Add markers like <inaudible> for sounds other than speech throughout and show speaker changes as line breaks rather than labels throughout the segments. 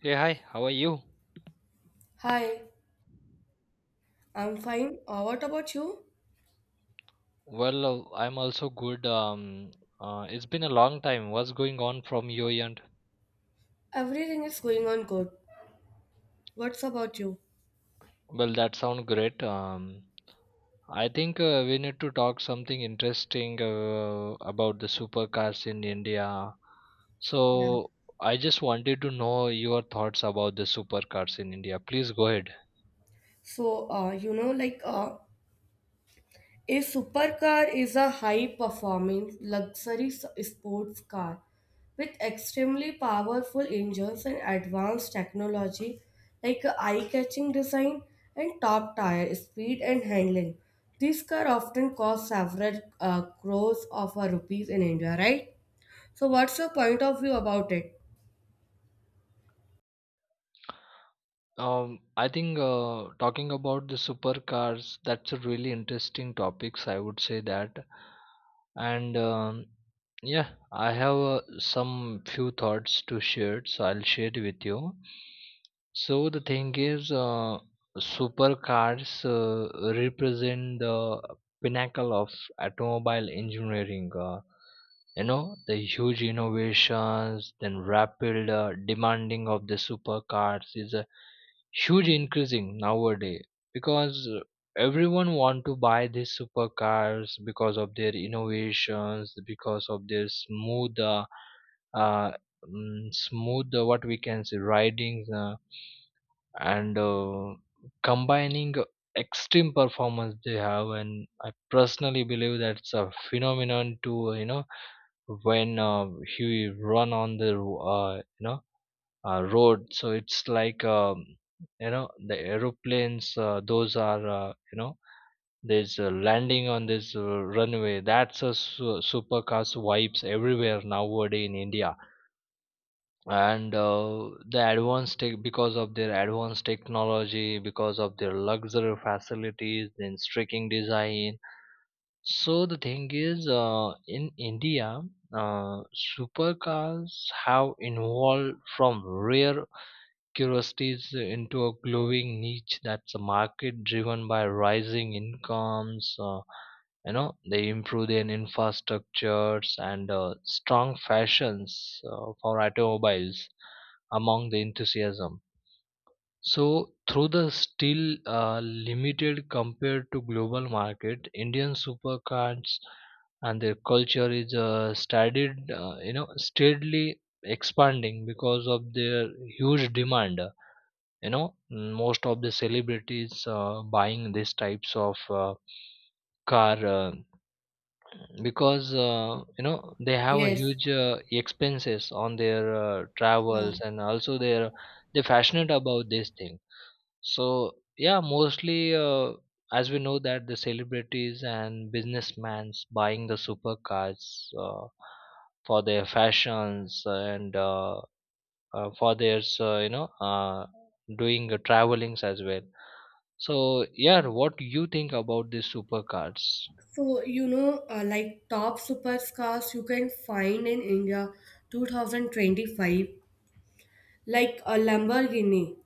Hey, hi, how are you?
Hi, I'm fine. What about you?
Well, I'm also good. It's been a long time. What's going on from your end?
Everything is going on good. What's about you?
Well, that sounds great. I think we need to talk something interesting about the supercars in India.
Yeah.
So, I just wanted to know your thoughts about the supercars in India. Please go ahead.
So, you know, like a supercar is a high-performing luxury sports car with extremely powerful engines and advanced technology, like a eye-catching design and top tire speed and handling. These car often cost several crores of rupees in India, right? So, what's your point of view about it?
I think talking about the supercars, that's a really interesting topics. I would say that, and yeah, I have some few thoughts to share, so I'll share it with you. So the thing is, supercars represent the pinnacle of automobile engineering. You know the huge innovations, then rapid demanding of the supercars is a huge increasing nowadays because everyone want to buy these supercars because of their innovations, because of their smooth uh, smooth, what we can say, ridings, and combining extreme performance they have. And I personally believe that's a phenomenon to, you know, when he run on the you know, road. So it's like, you know, the aeroplanes, those are, you know, there's a landing on this runway. That's a supercars vibes everywhere nowadays in India. And the advanced tech, because of their advanced technology, because of their luxury facilities, then striking design. So the thing is, in India, uh, supercars have evolved from rare curiosities into a glowing niche, that's a market driven by rising incomes. You know, they improve their infrastructures and strong fashions for automobiles among the enthusiasm. So through the still limited compared to global market, Indian supercars and their culture is studied, you know, steadily expanding because of their huge demand. You know, most of the celebrities buying these types of car, because you know, they have a
Yes.
huge expenses on their
Yeah.
travels, and also they're passionate about this thing. So yeah, mostly, as we know that the celebrities and businessmen buying the supercars uh, for their fashions, and for their, you know, doing travelings as well. So, yeah, what you think about these supercars?
So, you know, like top supercars you can find in India 2025, like a Lamborghini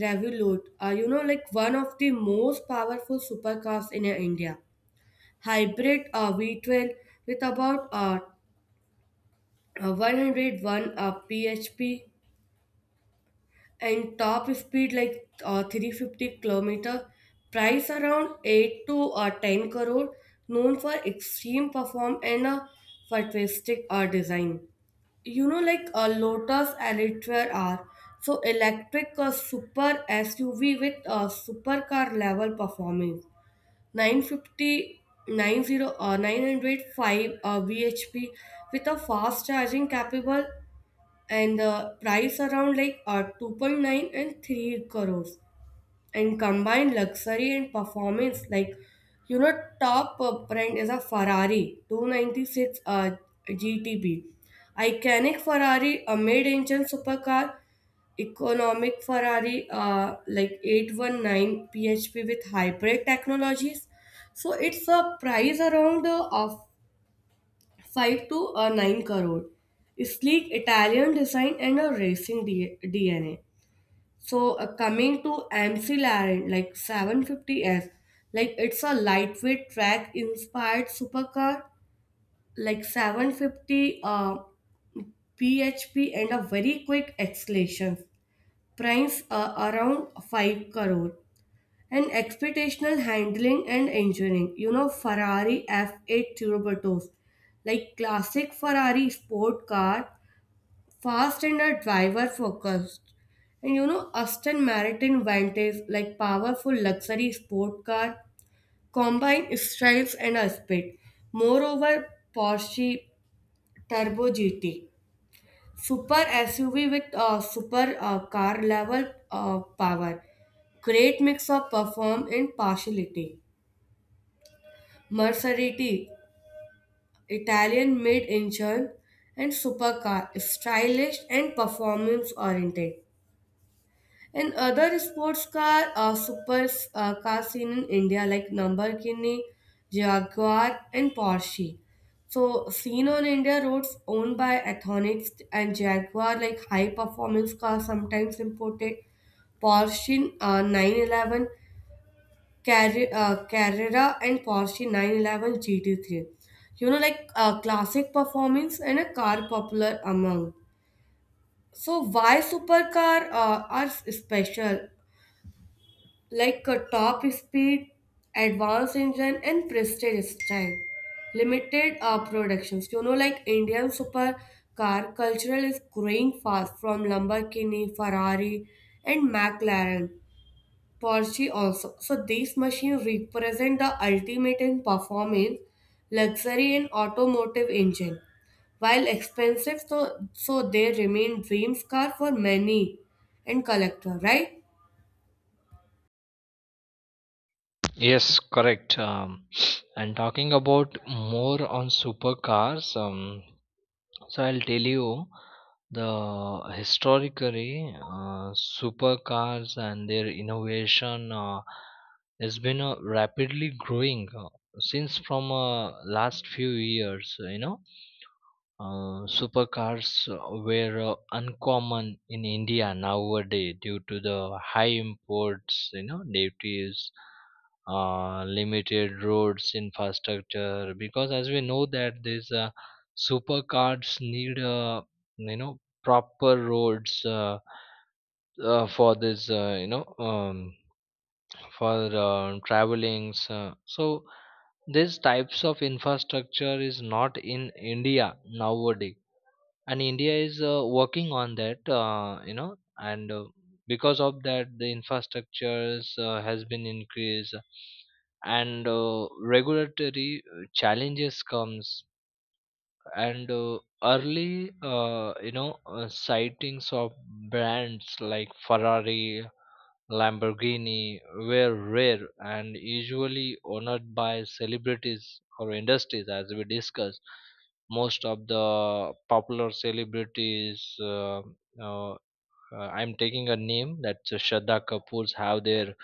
Revolute, you know, like one of the most powerful supercars in India. Hybrid V12 with about 101 PHP, and top speed like 350 kilometer, price around 8 to 10 crore. Known for extreme perform and a futuristic design. You know, like a lotus elitra r, so electric super suv with supercar level performance, 950 90 905 BHP with a fast charging capable, and the price around like 2.9 and 3 crores, and combined luxury and performance. Like, you know, top brand is a ferrari 296 GTB, iconic ferrari, a mid-engine supercar, economic ferrari like 819 PHP with hybrid technologies. So it's a price around of 5 to a 9 crore. Sleek Italian design and a racing DNA. So, coming to MC Laren, like 750 S. Like it's a lightweight track inspired supercar, like 750 PHP and a very quick acceleration. Price around 5 crore. And expectational handling and engineering. You know, Ferrari F8 turbo, like classic Ferrari sport car, fast and are driver focused. And you know, Aston Martin Vantage, like powerful luxury sport car, combine strides and a speed. Moreover, Porsche Turbo GT, super SUV with super car level power, great mix of perform and partiality. Maserati, Italian made engine and supercar, stylish and performance oriented. And other sports car super car seen in India like Lamborghini, Jaguar, and Porsche. So seen on India roads, owned by Athonics and Jaguar, like high performance cars sometimes imported. Porsche 911 Carrera and Porsche 911 GT3. You know, like classic performance and a car popular among. So why supercar are special? Like a top speed, advanced engine, and prestige style. Limited productions. You know, like Indian supercar cultural is growing fast from Lamborghini, Ferrari, and McLaren. Porsche also. So these machines represent the ultimate in performance, luxury, and automotive engine. While expensive, so they remain dreams car for many and collector, right?
Yes, correct. <sniffs> And talking about more on supercars, so I'll tell you the historically supercars and their innovation has been rapidly growing since from last few years. You know, supercars were uncommon in India nowadays due to the high imports, duties, limited roads infrastructure. Because as we know that these supercars need, proper roads, for this, for travelings. So these types of infrastructure is not in India nowadays, and India is working on that, you know, and because of that the infrastructures has been increased, and regulatory challenges comes, and early, you know, sightings of brands like Ferrari, Lamborghini were rare and usually honored by celebrities or industries, as we discussed. Most of the popular celebrities, uh, uh, I'm taking a name that's Shraddha Kapoor's, have their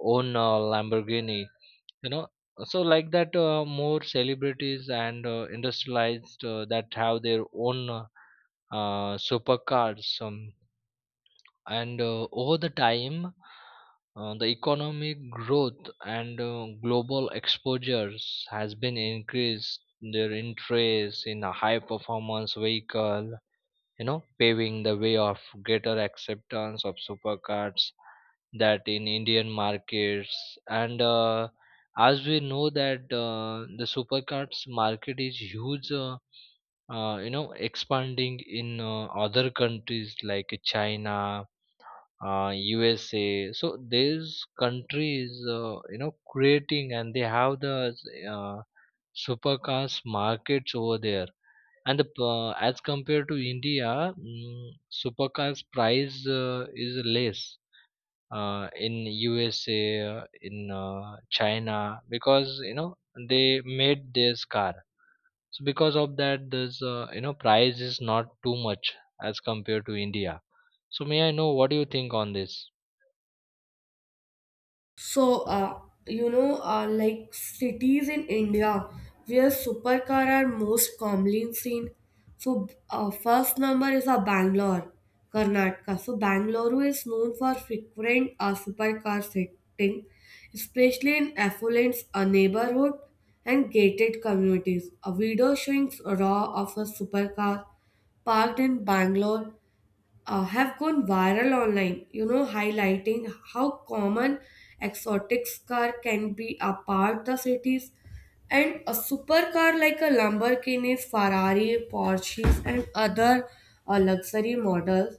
own Lamborghini. You know, so like that, more celebrities and industrialized that have their own, supercars. And over the time, the economic growth and global exposures has been increased their interest in a high performance vehicle, you know, paving the way of greater acceptance of supercars that in Indian markets. And as we know that the supercars market is huge, you know, expanding in other countries like China, USA. So these countries, creating, and they have the uh, supercars markets over there. As compared to India, supercars price is less in USA, in China, because you know they made this car. So because of that, this price is not too much as compared to India. So may I know what do you think on this?
So, you know, like cities in India where supercar are most commonly seen. So, first number is Bangalore, Karnataka. So, Bangalore is known for frequent supercar setting, especially in affluent neighborhood and gated communities. A video showing raw of a supercar parked in Bangalore have gone viral online, you know, highlighting how common exotic car can be apart the cities. And a supercar like a Lamborghini, Ferrari, Porsches, and other luxury models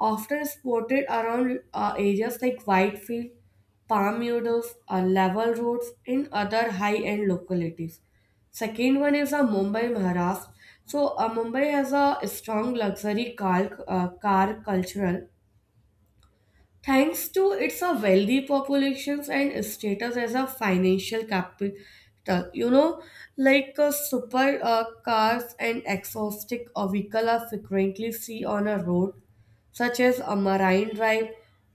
often spotted around areas like Whitefield, Palm Meadows, Level Roads, and other high-end localities. Second one is Mumbai, Maharashtra. So, Mumbai has a strong luxury car, car cultural thanks to its wealthy populations and status as a financial capital. You know, like super cars and exotic vehicle are frequently seen on a road such as a Marine Drive,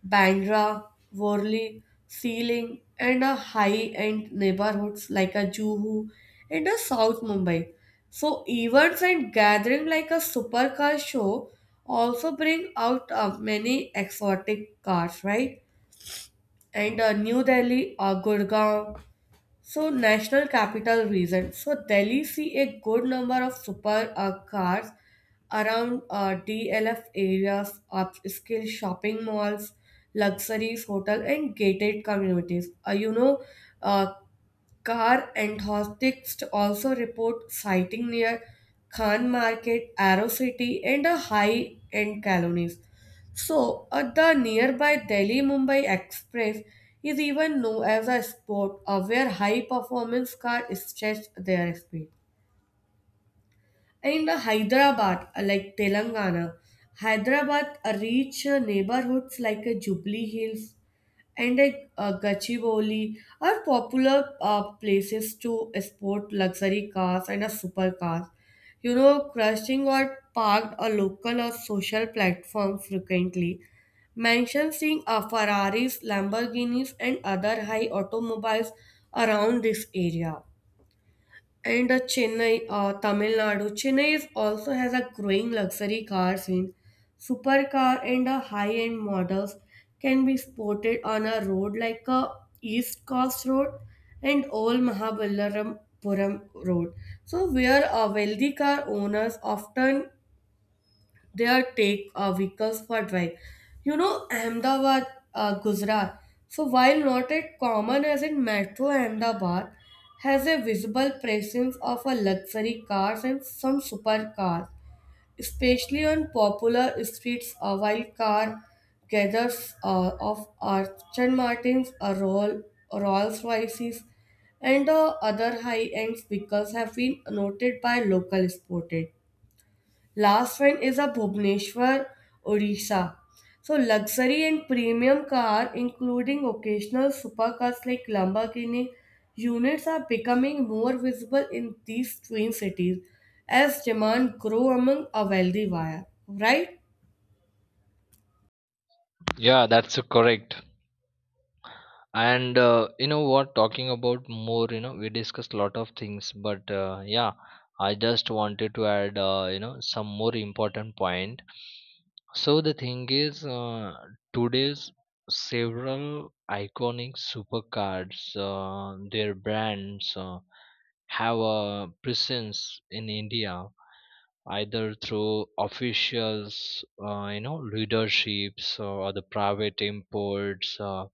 Bandra, Worli, Sealing, and a high-end neighborhoods like a Juhu and a South Mumbai. So events and gathering like a supercar show also bring out many exotic cars, right? And New Delhi, Gurgaon, so national capital region. So Delhi see a good number of super cars around DLF areas, upscale shopping malls, luxuries, hotel, and gated communities. Uh, Car enthusiasts also report sighting near Khan Market, Arrow City, and a high-end colonies. So, the nearby Delhi-Mumbai Express is even known as a spot where high-performance cars stretch their speed. In the Hyderabad, like Telangana, Hyderabad reach neighborhoods like Jubilee Hills and Gachibowli are popular places to sport luxury cars and supercars. You know, crushing or parked a local or social platform frequently. Mentioned seeing Ferraris, Lamborghinis, and other high automobiles around this area. And Chennai, Tamil Nadu. Chennai is also has a growing luxury car scene. Supercar and high-end models can be spotted on a road like East Coast Road and Old Mahabalipuram Road. So, where wealthy car owners often their take vehicles for drive. You know, Ahmedabad, Gujarat. So while not as common as in metro Ahmedabad, has a visible presence of a luxury cars and some supercars, especially on popular streets. A wild car gathers of Aston Martins, Rolls Royces, and other high-end vehicles have been noted by local sported. Last one is a Bhubaneswar, Odisha. So luxury and premium car, including occasional supercars like Lamborghini, units are becoming more visible in these twin cities as demand grow among a wealthy buyer, right?
Yeah, that's correct. And you know what, talking about more, you know, we discussed a lot of things, but yeah, I just wanted to add you know some more important point. So the thing is, today's several iconic supercars, their brands have a presence in India either through officials, you know, leaderships, or the private imports,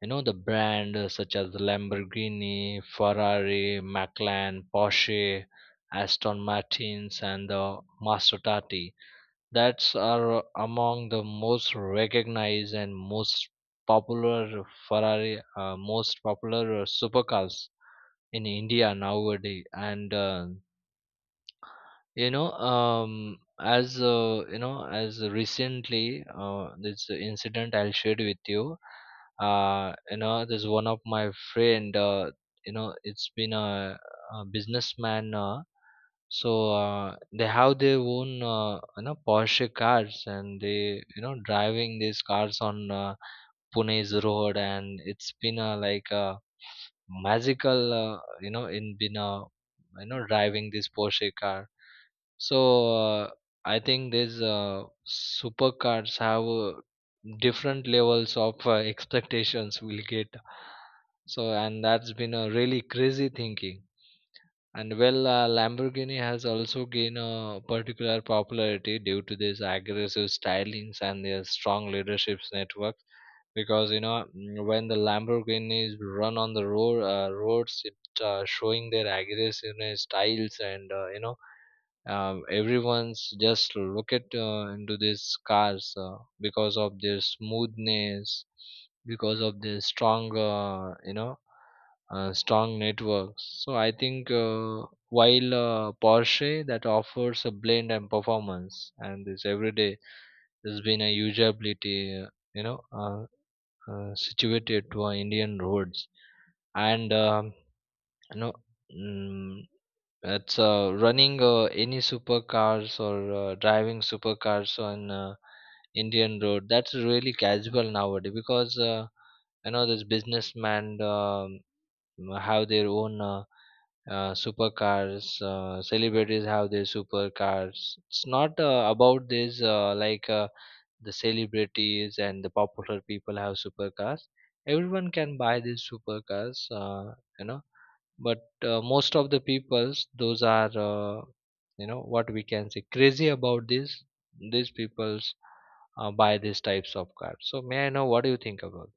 you know, the brand such as Lamborghini, Ferrari, McLaren, Porsche, Aston Martins, and the Maserati, that's are among the most recognized and most popular. Ferrari, most popular supercars in India nowadays. And you know, as recently, this incident I'll share with you. You know, there's one of my friend, you know, it's been a businessman. Uh, So they have their own, you know, Porsche cars, and they, you know, driving these cars on Pune's road, and it's been a like a magical, you know, in been a, you know, driving this Porsche car. So I think these supercars have different levels of expectations we'll get. So and that's been a really crazy thinking. And well, Lamborghini has also gained a particular popularity due to these aggressive stylings and their strong leadership network. Because you know, when the Lamborghinis run on the roads, it showing their aggressiveness, styles, and, everyone's just look at into these cars, because of their smoothness, because of their strong, you know, strong networks. So I think, while Porsche that offers a blend and performance, and this everyday has been a usability, you know, situated to Indian roads. And you know, Mm, it's running any supercars or driving supercars on Indian road. That's really casual nowadays because you know these businessmen, have their own, supercars. Celebrities have their supercars. It's not about this, like the celebrities and the popular people have supercars. Everyone can buy these supercars. But most of the peoples those are, you know, what we can say crazy about this, these peoples buy these types of cards. So may I know what do you think about?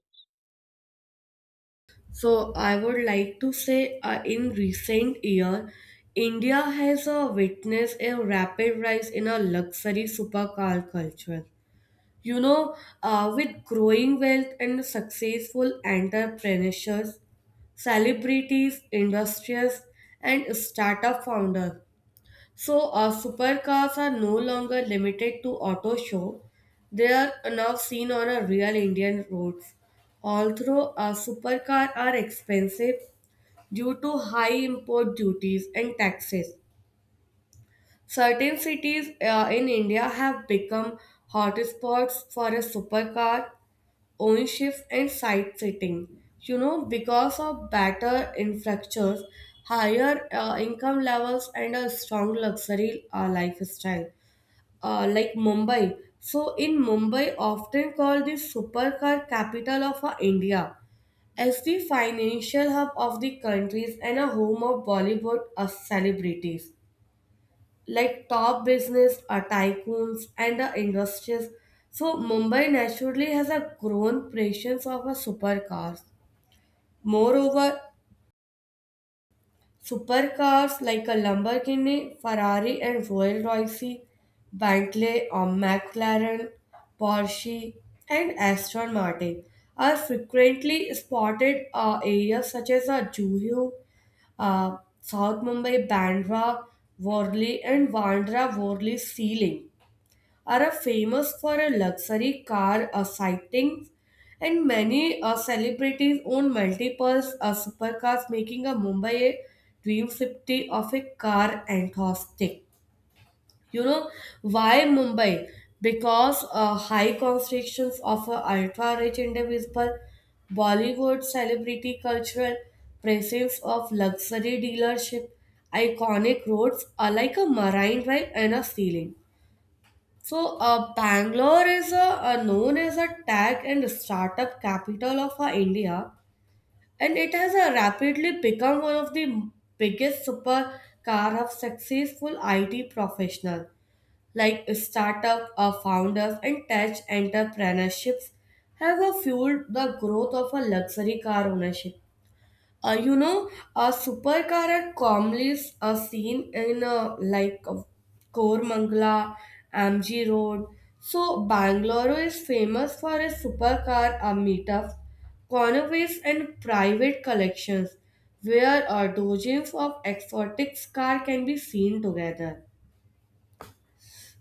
So I would like to say in recent year, India has witnessed a rapid rise in a luxury supercar culture. You know, with growing wealth and successful entrepreneurs, celebrities, industrious, and startup founders. So, supercars are no longer limited to auto show. They are now seen on a real Indian roads. Although supercars are expensive due to high import duties and taxes, certain cities in India have become hotspots for a supercar ownership and site setting. You know, because of better infrastructures, higher income levels, and a strong luxury lifestyle, like Mumbai. So, in Mumbai, often called the supercar capital of India, as the financial hub of the countries and a home of Bollywood celebrities like top business, tycoons, and the industries. So Mumbai naturally has a grown presence of a supercars. Moreover, supercars like a Lamborghini, Ferrari, and Royal Royce, Bentley, or McLaren, Porsche, and Aston Martin are frequently spotted areas such as Juhu, South Mumbai, Bandra, Worli, and Bandra Worli Sea Link. Are a famous for a luxury car sightings, and many celebrities own multiple supercars, making a Mumbai a dream city of a car enthusiast. You know why Mumbai? Because high concentrations of a ultra-rich individual, Bollywood celebrity cultural presence of luxury dealership, iconic roads are like a marine drive and a ceiling. So, Bangalore is known as a tech and startup capital of India, and it has rapidly become one of the biggest supercar of successful IT professionals. Like startup founders and tech entrepreneurships have fueled the growth of a luxury car ownership. A supercar are commonly seen in like Kormangala, MG Road. So Bangalore is famous for its supercar meetups, carnivals, and private collections, where dozens of exotic cars can be seen together.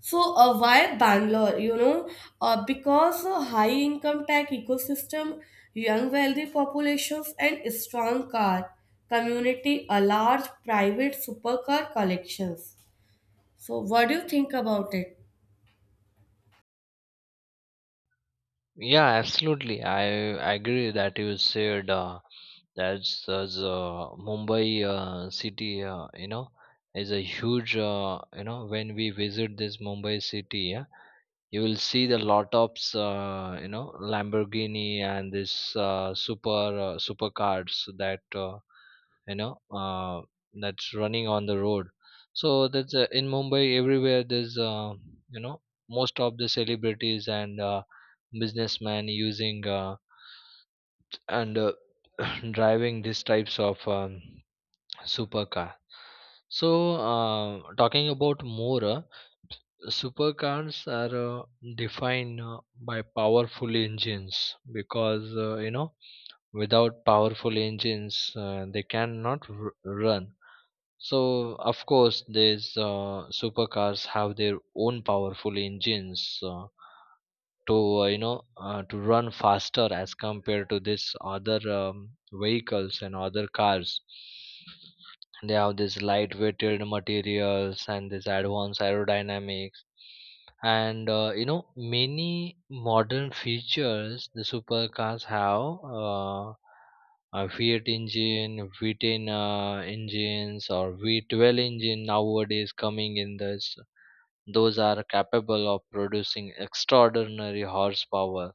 So, why Bangalore? You know, because a high income tech ecosystem, young wealthy populations, and strong car community, a large private supercar collections. So, what do you think about it?
Yeah, absolutely, I agree that you said, that's, Mumbai city, you know, is a huge, you know, when we visit this Mumbai city, yeah, you will see the lot of, you know, Lamborghini and this, supercars that, you know, that's running on the road. So that's in Mumbai everywhere. There's you know, most of the celebrities and businessmen using, and <clears throat> driving these types of, supercar. So talking about more. Supercars are defined by powerful engines, because you know, without powerful engines they cannot run. So of course these supercars have their own powerful engines, to you know to run faster as compared to this other, vehicles and other cars. They have this light weighted materials and this advanced aerodynamics, and you know, many modern features the supercars have. A V8 engine, V10 engines, or V12 engine nowadays coming in this. Those are capable of producing extraordinary horsepower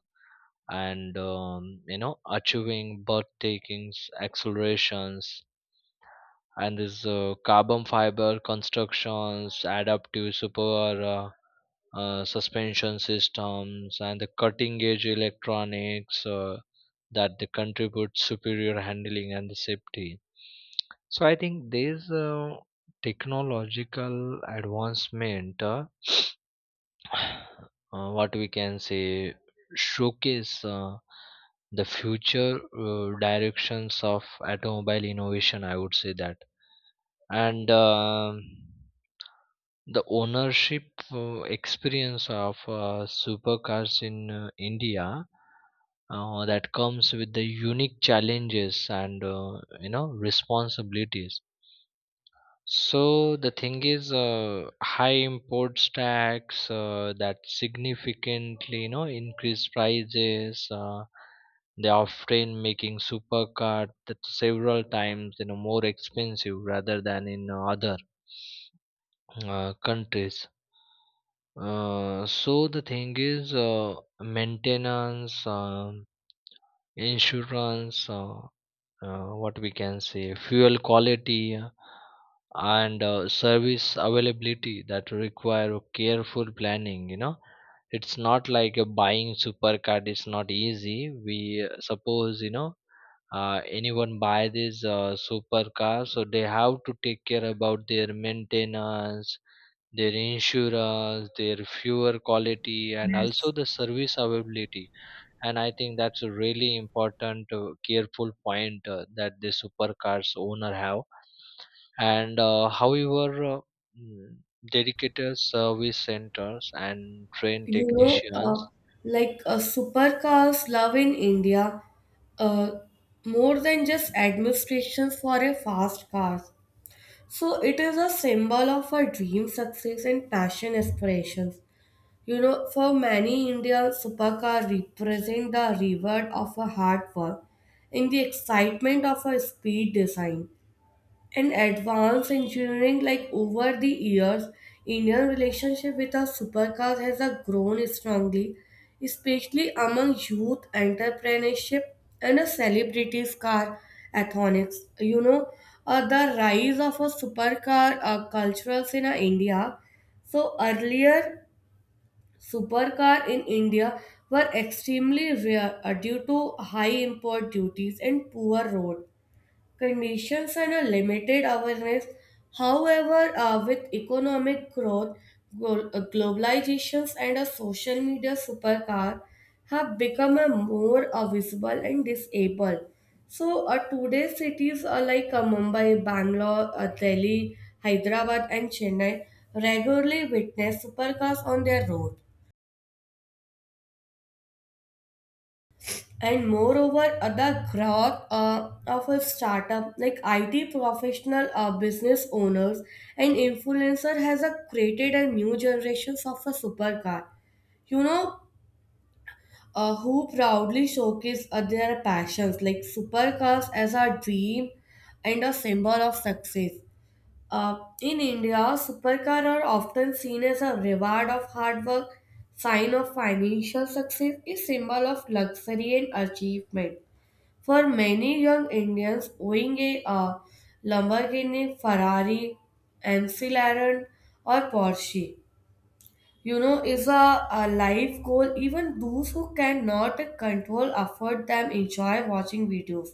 and, you know, achieving birth takings, accelerations, and this, carbon fiber constructions, adaptive super suspension systems, and the cutting edge electronics that they contribute superior handling and the safety. So I think these technological advancement, <sighs> what we can say, showcase the future directions of automobile innovation. I would say that. And the ownership experience of supercars in India, that comes with the unique challenges and, you know, responsibilities. So the thing is, high import tax that significantly, you know, increase prices. They often making supercar that several times, you know, more expensive rather than in other. Countries. So the thing is, maintenance, insurance, what we can say, fuel quality, and service availability that require careful planning, you know. It's not like, buying super card is not easy. We suppose, you know, anyone buy this super car, so they have to take care about their maintenance, their insurance, their fuel quality, and also the service availability. And I think that's a really important careful point that the supercars owner have. And however, mm, dedicated service centers and trained
You know,
technicians.
like supercars love in India uh, more than just administrations for a fast car. So, it is a symbol of our dream success and passion aspirations. You know, for many Indians, Supaka represent the reward of a hard work and the excitement of a speed design. And advanced engineering, like over the years, Indian relationship with the supercars has grown strongly, especially among youth entrepreneurship and a celebrities car athonics. You know, the rise of a supercar cultures in India. So earlier, supercar in India were extremely rare due to high import duties and poor road conditions and a limited awareness. However, with economic growth, globalizations and a social media supercar have become a more visible and disabled. So, today cities are like Mumbai, Bangalore, Delhi, Hyderabad and Chennai regularly witness supercars on their road. And moreover, the growth of a startup like it professional business owners and influencer has created a new generation of a supercar, you know who proudly showcase their passions like supercars as a dream and a symbol of success. In india supercar are often seen as a reward of hard work, sign of financial success, is symbol of luxury and achievement. For many young Indians, owning a Lamborghini, Ferrari, McLaren, or Porsche, you know, is a life goal. Even those who cannot control afford them enjoy watching videos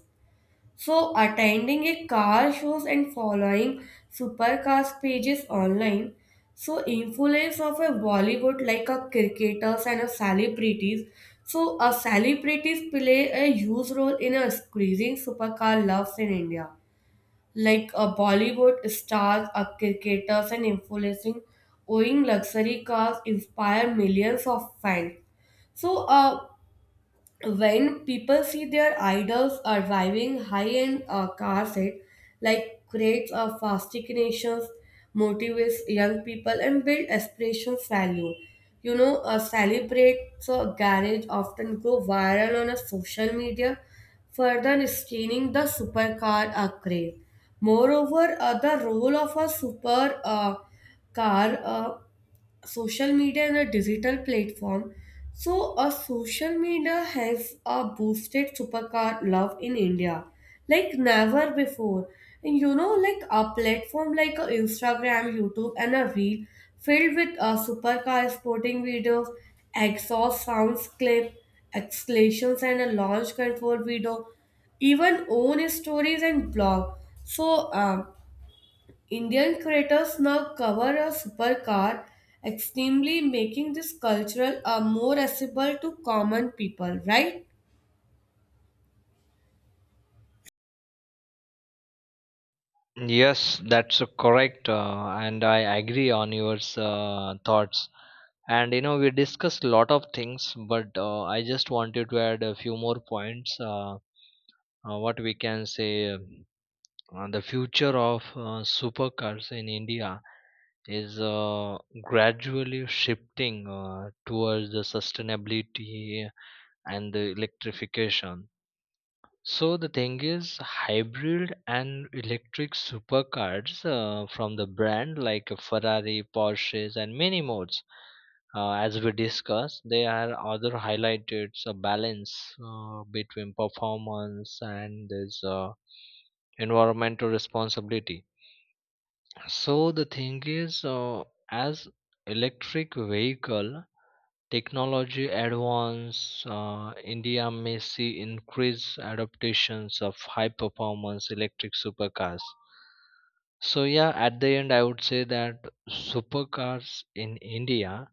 so, attending a car shows and following supercars pages online. So, influence of a Bollywood like a cricketers and a celebrities. So, a celebrities play a huge role in a increasing supercar loves in India. Like a Bollywood stars, a cricketers and influencing owning luxury cars inspire millions of fans. So, when people see their idols are driving high-end cars, it like creates a fascinations, motivates young people, and build aspirations value. You know, celebrates a garage often go viral on a social media, further sustaining the supercar craze. Moreover, the role of a super car social media and a digital platform. So, a social media has a boosted supercar love in India like never before. And you know, like a platform like a Instagram, YouTube, and a reel filled with a supercar sporting videos, exhaust sounds clip, exclamations, and a launch control video, even own stories and blog. So, Indian creators now cover a supercar extremely making this cultural more accessible to common people, right?
Yes, that's correct, and I agree on your thoughts. And you know, we discussed a lot of things, but I just wanted to add a few more points, what we can say, the future of supercars in India is gradually shifting towards the sustainability and the electrification. So the thing is, hybrid and electric supercars from the brand like Ferrari, Porsches, and many more. As we discussed, they are other highlighted a balance between performance and this environmental responsibility. So the thing is, as electric vehicle technology advance, India may see increased adaptations of high performance electric supercars. So yeah, at the end, I would say that supercars in India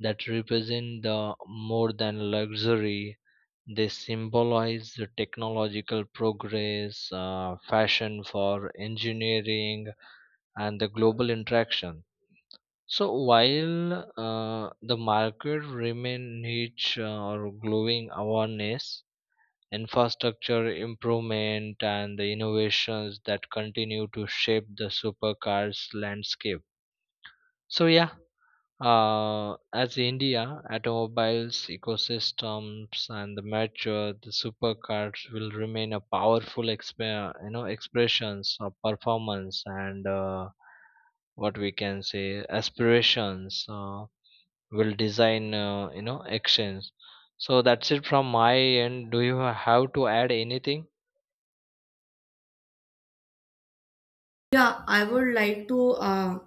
that represent the more than luxury. They symbolize the technological progress, fashion for engineering, and the global interaction. So while the market remain niche, or growing awareness, infrastructure improvement and the innovations that continue to shape the supercars landscape. So yeah, as India automobiles ecosystems and the mature, the supercars will remain a powerful you know, expressions of performance and, what we can say, aspirations. Will design actions. So that's it from my end. Do you have to add anything?
Yeah, I would like to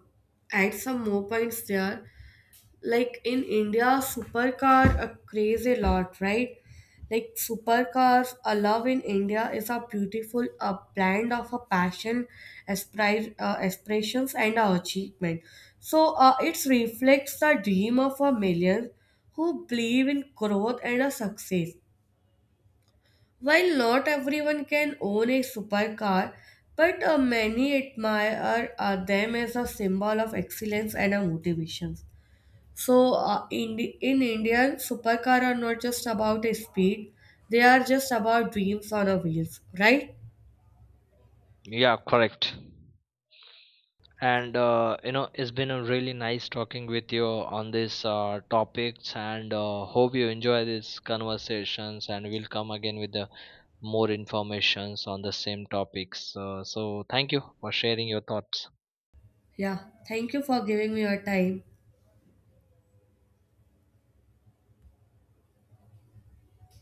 add some more points there. Like in india supercar a craze a lot, right? Like supercars a love in india is a beautiful a blend of a passion, aspirations and a achievement. So, it reflects the dream of a million who believe in growth and a success. While not everyone can own a supercar, but many admire them as a symbol of excellence and a motivation. So, in India, supercar are not just about speed; they are just about dreams on a wheels, right?
Yeah, correct. And you know, it's been a really nice talking with you on this topics, and hope you enjoy these conversations, and we'll come again with the more informations on the same topics. So thank you for sharing your thoughts.
Yeah. Thank you for giving me your time.